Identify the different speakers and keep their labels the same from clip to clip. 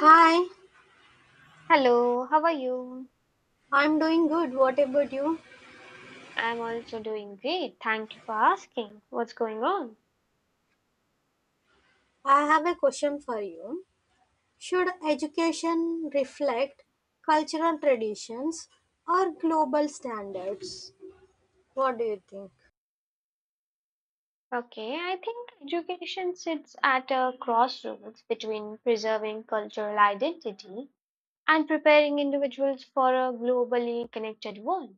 Speaker 1: Hi,
Speaker 2: Hello, how are you?
Speaker 1: I'm doing good. What about you?
Speaker 2: I'm also doing great. Thank you for asking. What's going on?
Speaker 1: I have a question for you. Should education reflect cultural traditions or global standards? What do you think?
Speaker 2: Okay, I think education sits at a crossroads between preserving cultural identity and preparing individuals for a globally connected world.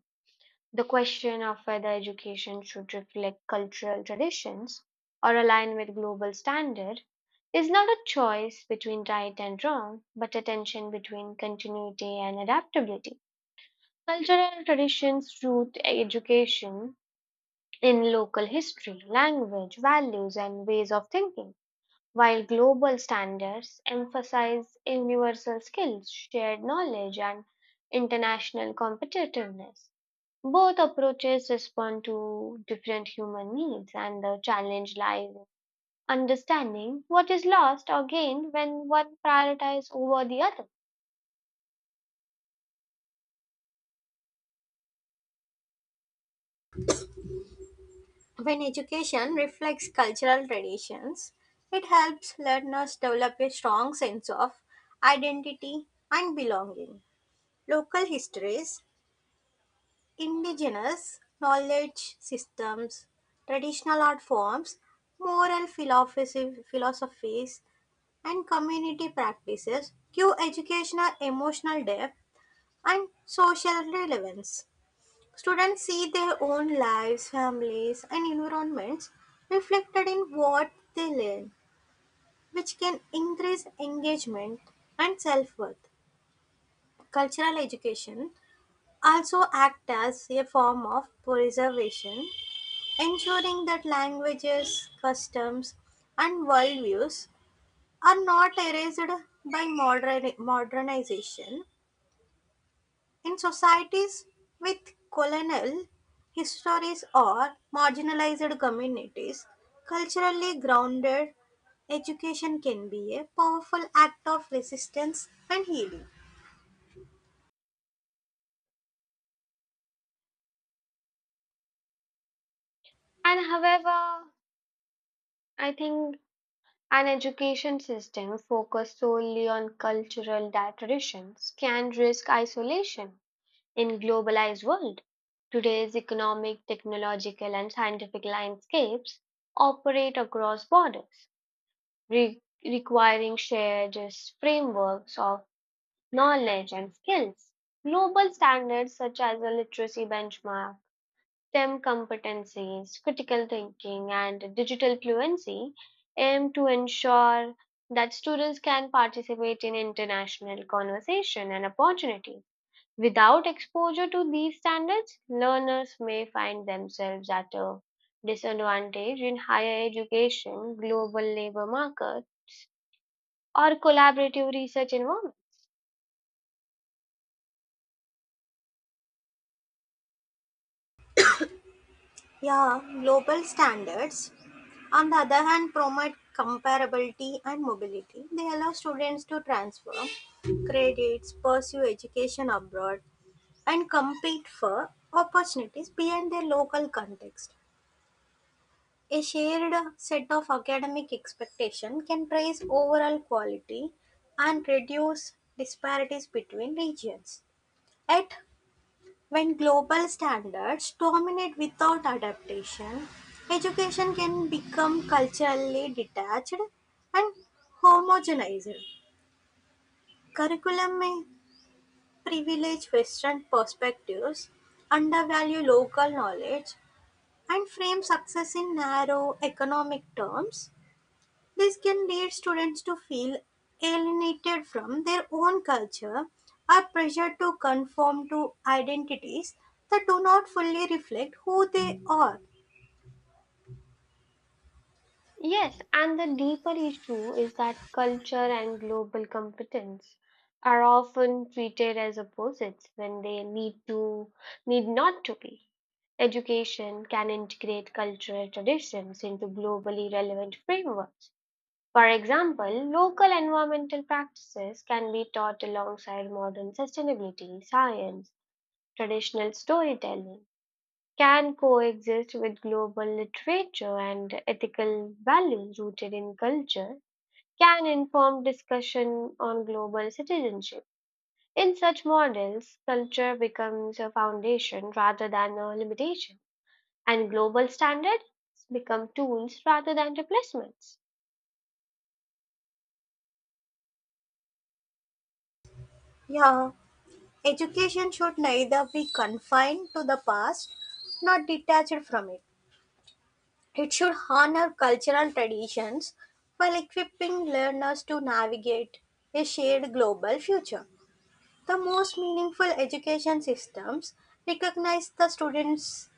Speaker 2: The question of whether education should reflect cultural traditions or align with global standard is not a choice between right and wrong, but a tension between continuity and adaptability. Cultural traditions root education in local history, language, values, and ways of thinking, while global standards emphasize universal skills, shared knowledge, and international competitiveness. Both approaches respond to different human needs, and the challenge lies in understanding what is lost or gained when one prioritizes over the other.
Speaker 1: When education reflects cultural traditions, it helps learners develop a strong sense of identity and belonging. Local histories, indigenous knowledge systems, traditional art forms, moral philosophies, and community practices give educational emotional depth and social relevance. Students see their own lives, families, and environments reflected in what they learn, which can increase engagement and self worth. Cultural education also acts as a form of preservation, ensuring that languages, customs, and worldviews are not erased by modernization in societies with colonial histories or marginalized communities. Culturally grounded education can be a powerful act of resistance and healing.
Speaker 2: And however, I think an education system focused solely on cultural traditions can risk isolation in globalized world. Today's economic, technological and scientific landscapes operate across borders, requiring shared frameworks of knowledge and skills. Global standards such as the literacy benchmark STEM competencies, critical thinking, and digital fluency aim to ensure that students can participate in international conversation and opportunity. Without exposure to these standards, learners may find themselves at a disadvantage in higher education, global labor market, or collaborative research environments.
Speaker 1: Yeah, global standards, on the other hand, promote comparability and mobility. They allow students to transfer credits, pursue education abroad, and compete for opportunities beyond their local context. A shared set of academic expectation can raise overall quality and reduce disparities between regions. Yet, when global standards dominate without adaptation, education can become culturally detached and homogenized. Curriculum may privilege Western perspectives, undervalue local knowledge, and frame success in narrow economic terms. This can lead students to feel alienated from their own culture, are pressured to conform to identities that do not fully reflect who they are.
Speaker 2: Yes, and the deeper issue is that culture and global competence are often treated as opposites when they need to need not to be. Education can integrate cultural traditions into globally relevant frameworks. For example, local environmental practices can be taught alongside modern sustainability, science, traditional storytelling can coexist with global literature and ethical values rooted in culture, can inform discussion on global citizenship. In such models, culture becomes a foundation rather than a limitation, and global standards become tools rather than replacements.
Speaker 1: Yeah, education should neither be confined to the past nor detached from it. It should honor cultural traditions while equipping learners to navigate a shared global future. The most meaningful education systems recognize the students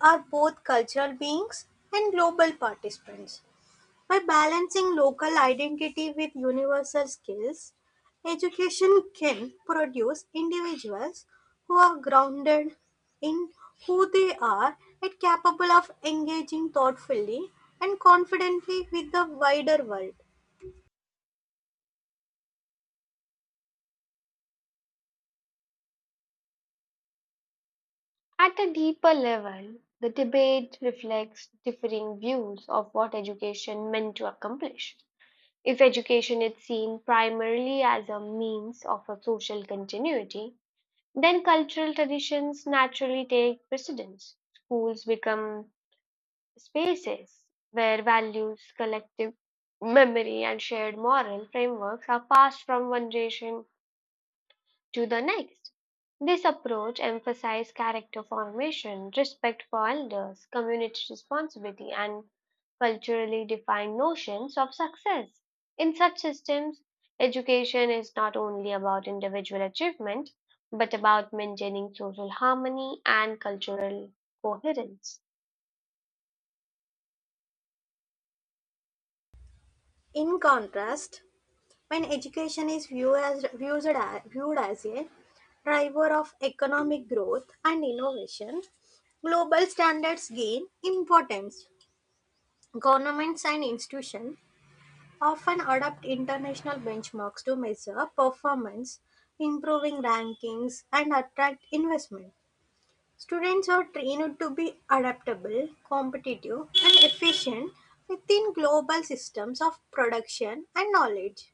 Speaker 1: are both cultural beings and global participants. By balancing local identity with universal skills, education can produce individuals who are grounded in who they are and capable of engaging thoughtfully and confidently with the wider world.
Speaker 2: At a deeper level, the debate reflects differing views of what education meant to accomplish. If education is seen primarily as a means of a social continuity, then cultural traditions naturally take precedence. Schools become spaces where values, collective memory, and shared moral frameworks are passed from one generation to the next. This approach emphasised character formation, respect for elders, community responsibility, and culturally defined notions of success. In such systems, education is not only about individual achievement, but about maintaining social harmony and cultural coherence.
Speaker 1: In contrast, when education is viewed as a driver of economic growth and innovation, global standards gain importance. Governments and institutions often adopt international benchmarks to measure performance, improving rankings, and attract investment. Students are trained to be adaptable, competitive, and efficient within global systems of production and knowledge.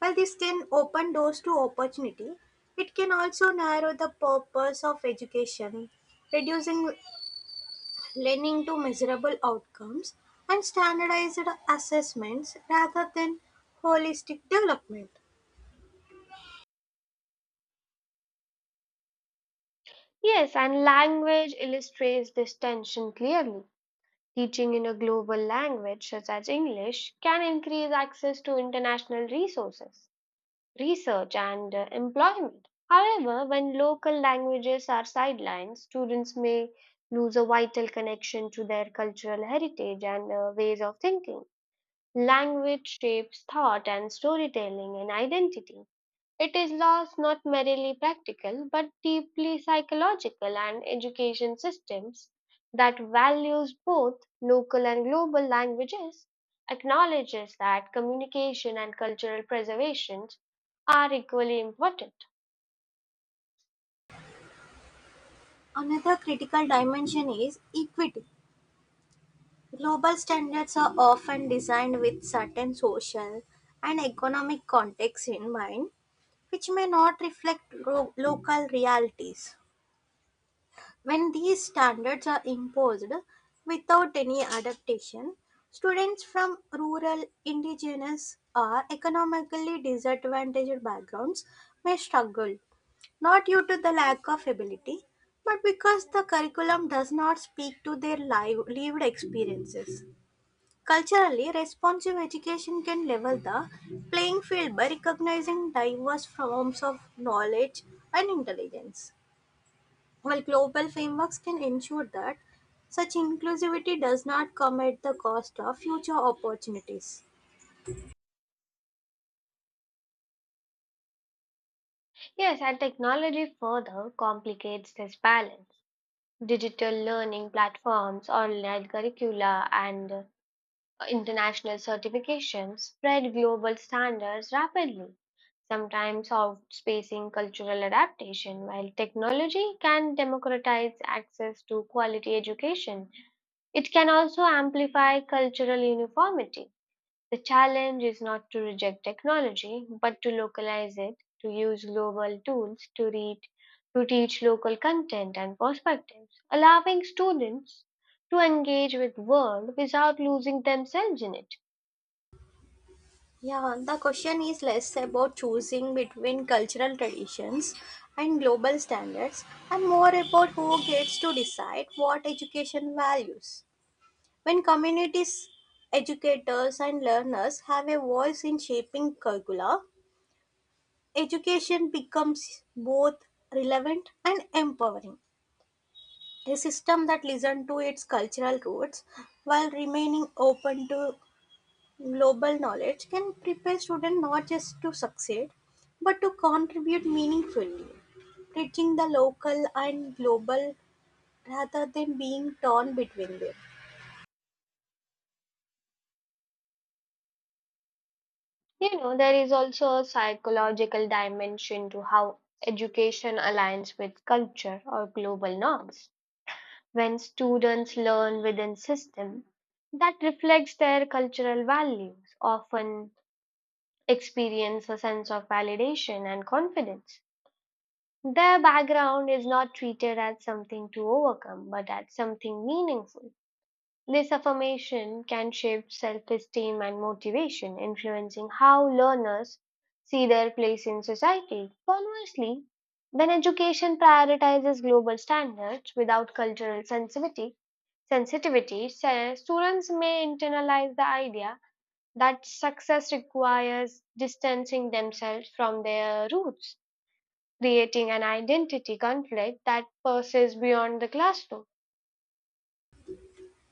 Speaker 1: While this can open doors to opportunity, it can also narrow the purpose of education, reducing learning to measurable outcomes and standardized assessments rather than holistic development.
Speaker 2: Yes, and language illustrates this tension clearly. Teaching in a global language such as English can increase access to international resources, research, and employment. However, when local languages are sidelined, students may lose a vital connection to their cultural heritage and ways of thinking. Language shapes thought and storytelling and identity. It is thus not merely practical but deeply psychological and education systems that values both local and global languages acknowledges that communication and cultural preservation are equally important.
Speaker 1: Another critical dimension is equity. Global standards are often designed with certain social and economic contexts in mind, which may not reflect local realities. When these standards are imposed without any adaptation, students from rural, indigenous, or economically disadvantaged backgrounds may struggle, not due to the lack of ability, but because the curriculum does not speak to their lived experiences. Culturally responsive education can level the playing field by recognizing diverse forms of knowledge and intelligence. Well, global frameworks can ensure that such inclusivity does not come at the cost of future opportunities.
Speaker 2: Yes, and technology further complicates this balance. Digital learning platforms, online curricula, and international certifications spread global standards rapidly, sometimes outspacing cultural adaptation. While technology can democratize access to quality education, it can also amplify cultural uniformity. The challenge is not to reject technology, but to localize it, to use global tools to read, to teach local content and perspectives, allowing students to engage with world without losing themselves in it.
Speaker 1: Yeah, the question is less about choosing between cultural traditions and global standards and more about who gets to decide what education values. When communities, educators, and learners have a voice in shaping curricula, education becomes both relevant and empowering. A system that listens to its cultural roots while remaining open to global knowledge can prepare students not just to succeed but to contribute meaningfully, teaching the local and global rather than being torn between them.
Speaker 2: You know, there is also a psychological dimension to how education aligns with culture or global norms. When students learn within system that reflects their cultural values, often experience a sense of validation and confidence. Their background is not treated as something to overcome, but as something meaningful this affirmation can shape self esteem and motivation, influencing how learners see their place in society. Conversely, when education prioritizes global standards without cultural sensitivity, students may internalize the idea that success requires distancing themselves from their roots, creating an identity conflict that persists beyond the classroom.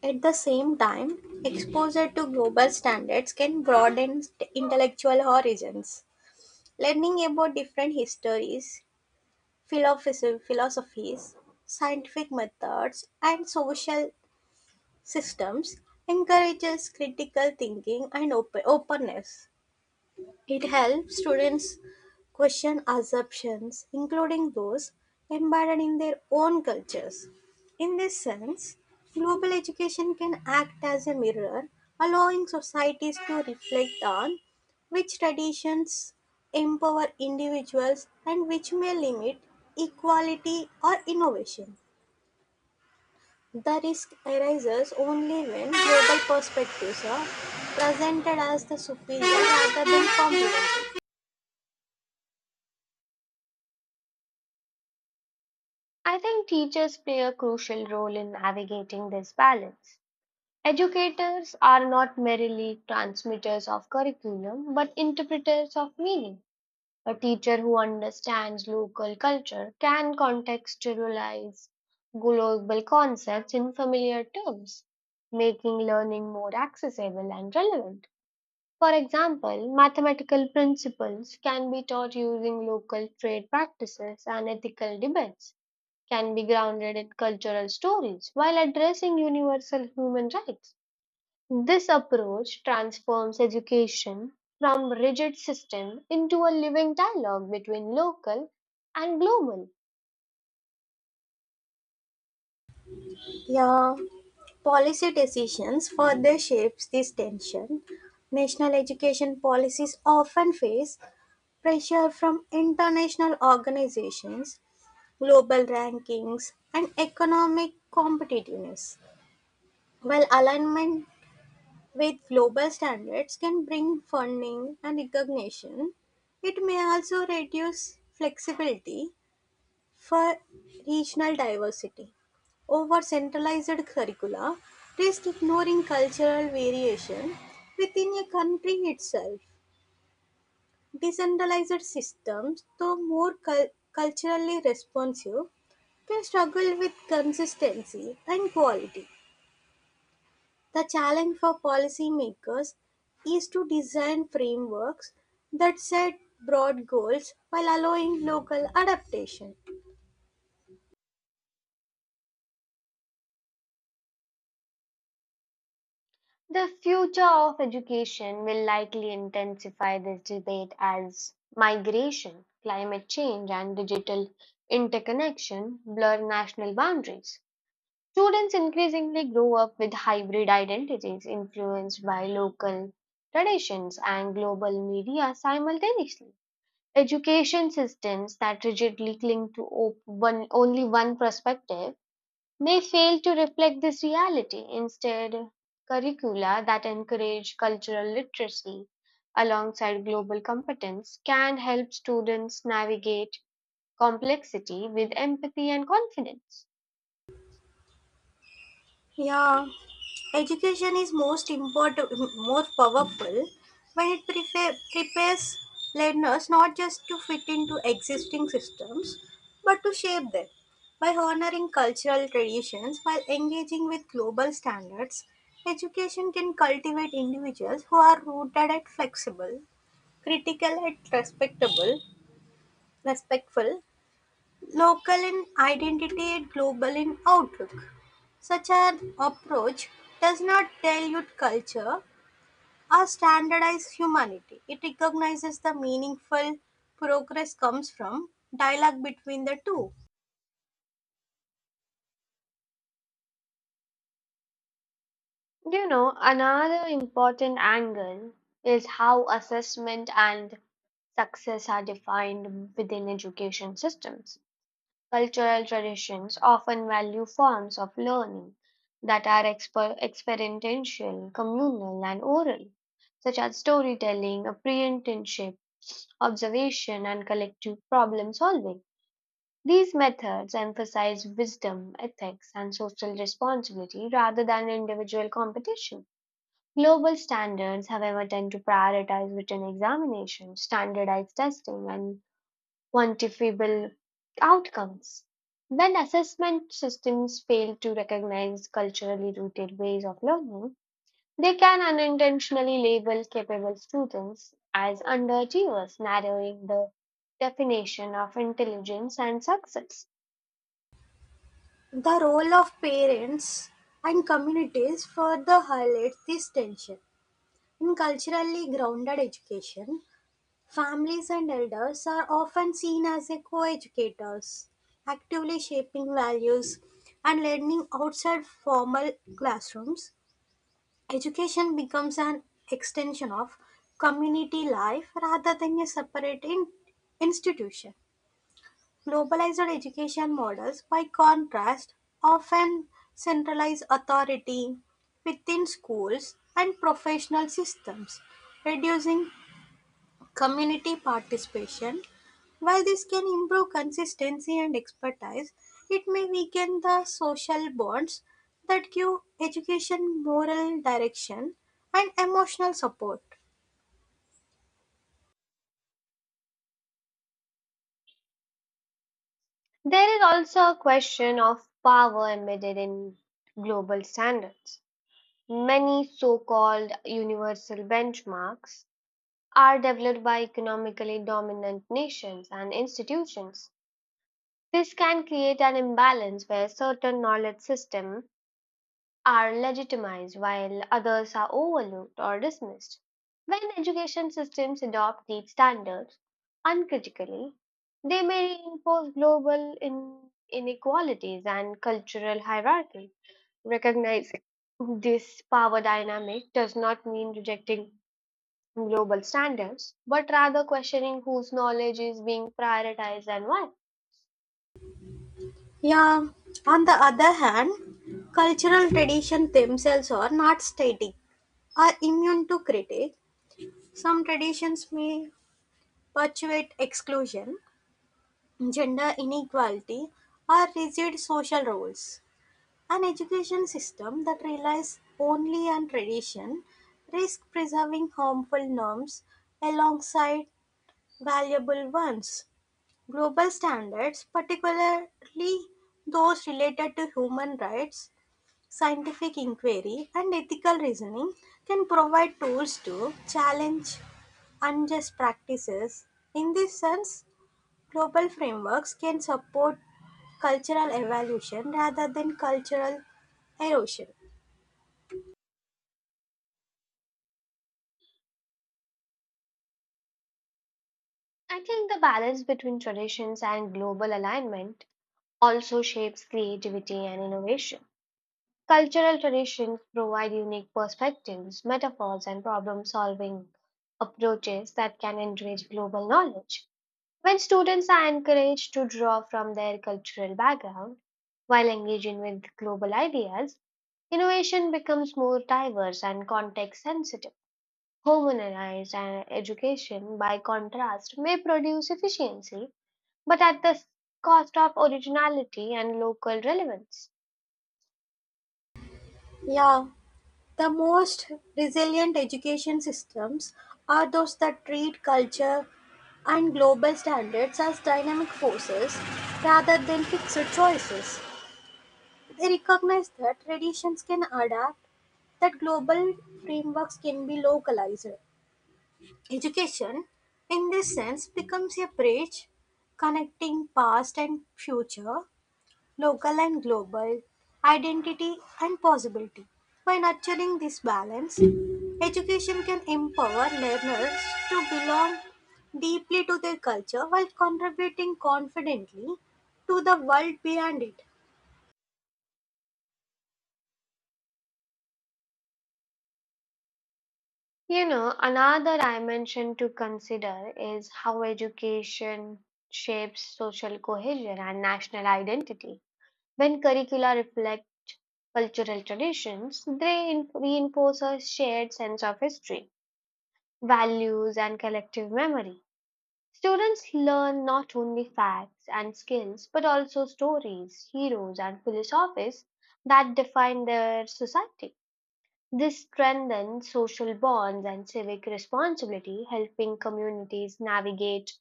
Speaker 1: At the same time, exposure to global standards can broaden intellectual horizons. Learning about different histories, philosophies, scientific methods, and social systems encourages critical thinking and openness. It helps students question assumptions, including those embedded in their own cultures. In this sense, global education can act as a mirror, allowing societies to reflect on which traditions empower individuals and which may limit equality or innovation. The risk arises only when global perspectives are presented as the superior rather than complementary.
Speaker 2: I think teachers play a crucial role in navigating this balance. Educators are not merely transmitters of curriculum but interpreters of meaning. A teacher who understands local culture can contextualize global concepts in familiar terms, making learning more accessible and relevant. For example, mathematical principles can be taught using local trade practices and ethical debates can be grounded in cultural stories while addressing universal human rights. This approach transforms education from rigid system into a living dialogue between local and global.
Speaker 1: Yeah, policy decisions further shapes this tension. National education policies often face pressure from international organizations, global rankings, and economic competitiveness. While alignment with global standards can bring funding and recognition, it may also reduce flexibility for regional diversity. Over centralized curricula risk ignoring cultural variation within a country itself. Decentralized systems, though more culturally responsive, can struggle with consistency and quality. The challenge for policymakers is to design frameworks that set broad goals while allowing local adaptation.
Speaker 2: The future of education will likely intensify this debate as migration, climate change, and digital interconnection blur national boundaries. Students increasingly grow up with hybrid identities influenced by local traditions and global media simultaneously. Education systems that rigidly cling to only one perspective may fail to reflect this reality. Instead, curricula that encourage cultural literacy alongside global competence can help students navigate complexity with empathy and confidence.
Speaker 1: Yeah, education is most important, most powerful when it prepares learners not just to fit into existing systems but to shape them. By honoring cultural traditions while engaging with global standards, education can cultivate individuals who are rooted and flexible, critical and respectful, local in identity and global in outlook. Such an approach does not dilute culture or standardize humanity. It recognizes the meaningful progress comes from dialogue between the two.
Speaker 2: You know, another important angle is how assessment and success are defined within education systems. Cultural traditions often value forms of learning that are experiential, communal, and oral, such as storytelling, apprenticeship, observation, and collective problem solving. These methods emphasize wisdom, ethics, and social responsibility rather than individual competition. Global standards, however, tend to prioritize written examinations, standardized testing, and quantifiable outcomes. When assessment systems fail to recognize culturally rooted ways of learning, they can unintentionally label capable students as underachievers, narrowing the definition of intelligence and success.
Speaker 1: The role of parents and communities further highlights this tension. In culturally grounded education, families and elders are often seen as a co-educators, actively shaping values and learning outside formal classrooms. Education becomes an extension of community life rather than a separate institution. Globalized education models, by contrast, often centralize authority within schools and professional systems, reducing community participation. While this can improve consistency and expertise, it may weaken the social bonds that give education moral direction and emotional support.
Speaker 2: There is also a question of power embedded in global standards. Many so called universal benchmarks are developed by economically dominant nations and institutions. This can create an imbalance where certain knowledge systems are legitimized while others are overlooked or dismissed. When education systems adopt these standards uncritically, they may reinforce global inequalities and cultural hierarchy. Recognizing this power dynamic does not mean rejecting global standards, but rather questioning whose knowledge is being prioritized and why.
Speaker 1: Yeah, on the other hand, cultural traditions themselves are not static, are immune to critique. Some traditions may perpetuate exclusion, gender inequality, or rigid social roles. An education system that relies only on tradition risks preserving harmful norms alongside valuable ones. Global standards, particularly those related to human rights, scientific inquiry, and ethical reasoning, can provide tools to challenge unjust practices. In this sense, global frameworks can support cultural evolution rather than cultural erosion.
Speaker 2: I think the balance between traditions and global alignment also shapes creativity and innovation. Cultural traditions provide unique perspectives, metaphors, and problem solving approaches that can enrich global knowledge. When students are encouraged to draw from their cultural background while engaging with global ideas, innovation becomes more diverse and context sensitive. Homogenized education, by contrast, may produce efficiency but at the cost of originality and local relevance.
Speaker 1: Yeah, the most resilient education systems are those that treat culture and global standards as dynamic forces rather than fixed choices. They recognize that traditions can adapt, that global frameworks can be localized. Education, in this sense, becomes a bridge connecting past and future, local and global, identity and possibility. By nurturing this balance, education can empower learners to belong deeply to their culture while contributing confidently to the world beyond it.
Speaker 2: You know, another dimension to consider is how education shapes social cohesion and national identity. When curricula reflect cultural traditions, they reinforce a shared sense of history, values, and collective memory. Students learn not only facts and skills, but also stories, heroes, and philosophies that define their society. This strengthens social bonds and civic responsibility, helping communities navigate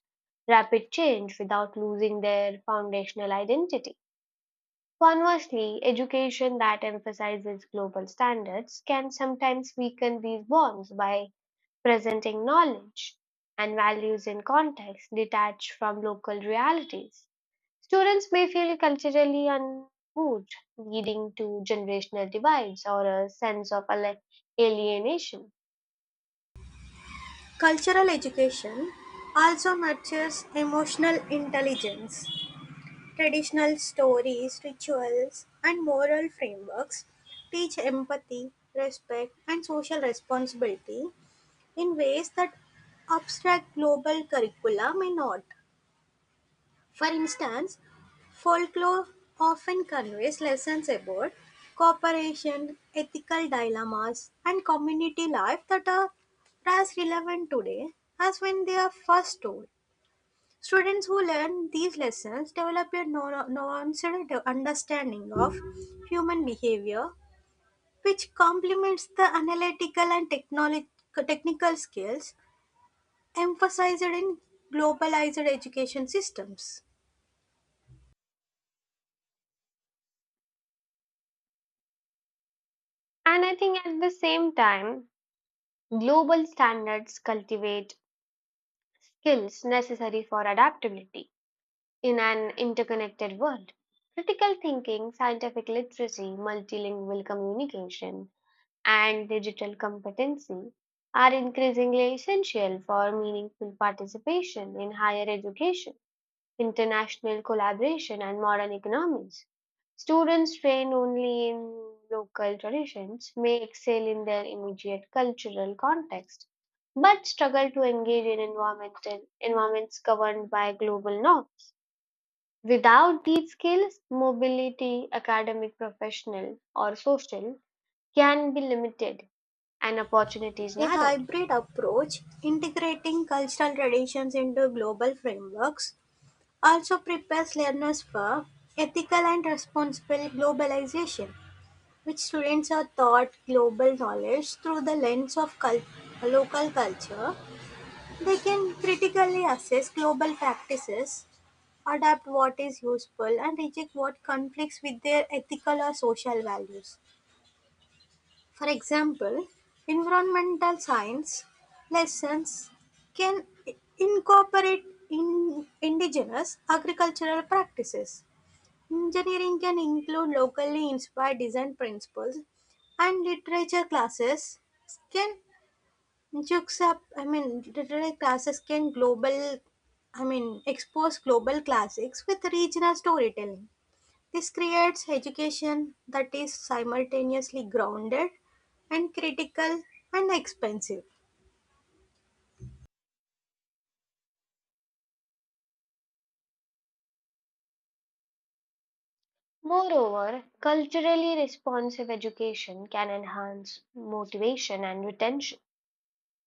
Speaker 2: rapid change without losing their foundational identity. Conversely, education that emphasizes global standards can sometimes weaken these bonds by presenting knowledge and values in context detached from local realities. Students may feel culturally unmoved, leading to generational divides or a sense of alienation.
Speaker 1: Cultural education also nurtures emotional intelligence. Traditional stories, rituals, and moral frameworks teach empathy, respect, and social responsibility in ways that abstract global curricula may not. For instance, folklore often conveys lessons about cooperation, ethical dilemmas, and community life that are as relevant today as when they are first told. Students who learn these lessons develop a nuanced understanding of human behavior, which complements the analytical and technical skills emphasized in globalized education systems.
Speaker 2: And I think at the same time, global standards cultivate skills necessary for adaptability in an interconnected world, critical thinking, scientific literacy, multilingual communication, and digital competency are increasingly essential for meaningful participation in higher education, international collaboration, and modern economies. Students trained only in local traditions may excel in their immediate cultural context, but struggle to engage in environmental environments governed by global norms. Without these skills, mobility, academic, professional, or social, can be limited and opportunities
Speaker 1: A
Speaker 2: narrowed.
Speaker 1: hybrid approach, integrating cultural traditions into global frameworks, also prepares learners for ethical and responsible globalization, which students are taught global knowledge through the lens of local culture. They can critically assess global practices, adapt what is useful, and reject what conflicts with their ethical or social values. For example, environmental science lessons can incorporate in indigenous agricultural practices. Engineering can include locally inspired design principles, and can literature classes can global. I mean, expose global classics with regional storytelling. This creates education that is simultaneously grounded and critical and expensive.
Speaker 2: Moreover, culturally responsive education can enhance motivation and retention.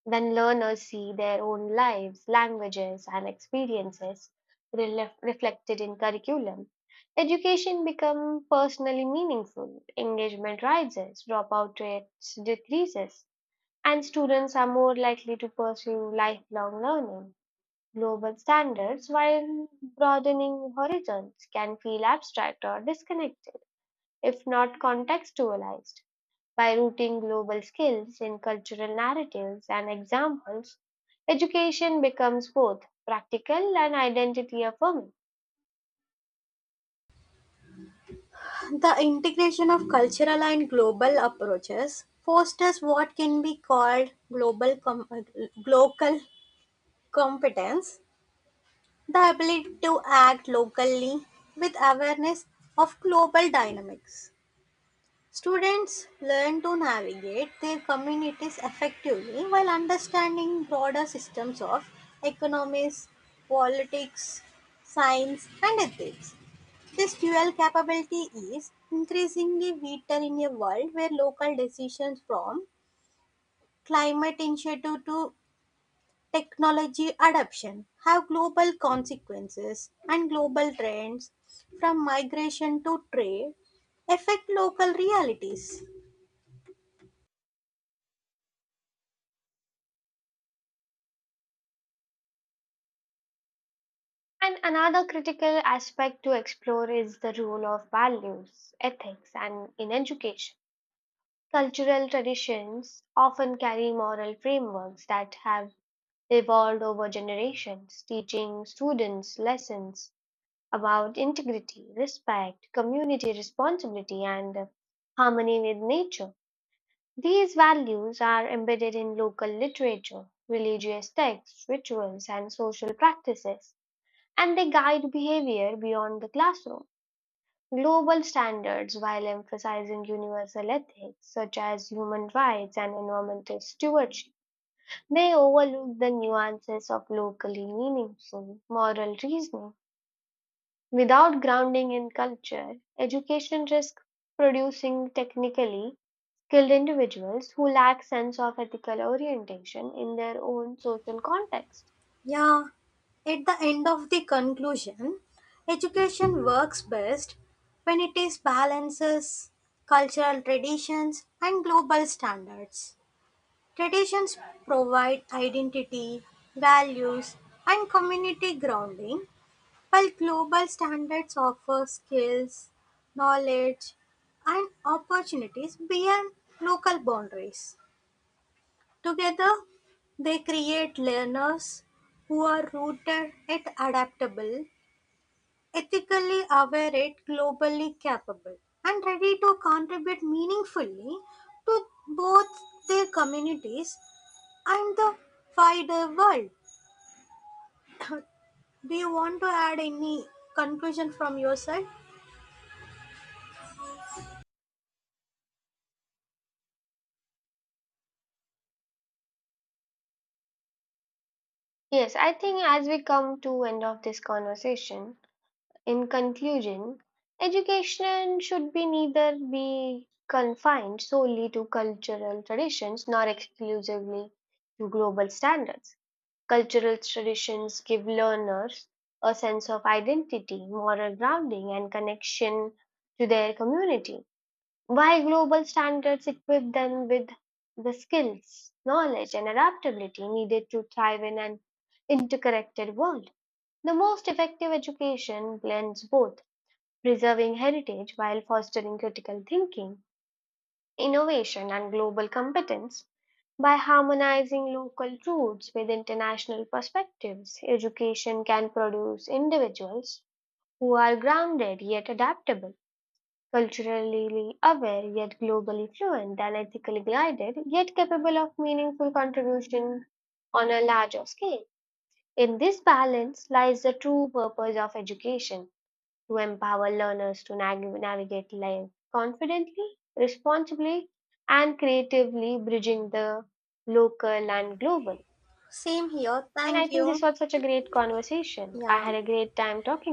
Speaker 2: When learners see their own lives, languages, and experiences reflected in curriculum, education becomes personally meaningful, engagement rises, dropout rates decreases, and students are more likely to pursue lifelong learning. Global standards, while broadening horizons, can feel abstract or disconnected if not contextualized. By rooting global skills in cultural narratives and examples, education becomes both practical and identity affirming.
Speaker 1: The integration of cultural and global approaches fosters what can be called global competence, the ability to act locally with awareness of global dynamics. Students learn to navigate their communities effectively while understanding broader systems of economics, politics, science, and ethics. This dual capability is increasingly vital in a world where local decisions, from climate initiative to technology adoption, have global consequences, and global trends from migration to trade affect local realities.
Speaker 2: And another critical aspect to explore is the role of values, ethics, and in education. Cultural traditions often carry moral frameworks that have evolved over generations, teaching students lessons about integrity, respect, community responsibility, and harmony with nature. These values are embedded in local literature, religious texts, rituals, and social practices, and they guide behavior beyond the classroom. Global standards, while emphasizing universal ethics such as human rights and environmental stewardship, they overlook the nuances of locally meaningful moral reasoning. Without grounding in culture, education risks producing technically skilled individuals who lack sense of ethical orientation in their own social context.
Speaker 1: Yeah, at the end of the conclusion, education works best when it is balances cultural traditions and global standards. Traditions provide identity, values, and community grounding, while global standards offer skills, knowledge, and opportunities beyond local boundaries. Together, they create learners who are rooted yet adaptable, ethically aware yet globally capable, and ready to contribute meaningfully to both their communities and the wider world. Do you want to add any conclusion from your side?
Speaker 2: Yes, I think as we come to end of this conversation, in conclusion, education should be neither be confined solely to cultural traditions nor exclusively to global standards. Cultural traditions give learners a sense of identity, moral grounding, and connection to their community, while global standards equip them with the skills, knowledge, and adaptability needed to thrive in an interconnected world. The most effective education blends both preserving heritage while fostering critical thinking, innovation, and global competence by harmonizing local truths with international perspectives, education can produce individuals who are grounded yet adaptable, culturally aware yet globally fluent, and ethically guided yet capable of meaningful contribution on a larger scale. In this balance lies the true purpose of education to empower learners to navigate life confidently, responsibly, and creatively, bridging the local and global.
Speaker 1: Same here.
Speaker 2: And I
Speaker 1: Thank
Speaker 2: think this
Speaker 1: you.
Speaker 2: was such a great conversation. I
Speaker 1: Yeah.
Speaker 2: had a great time talking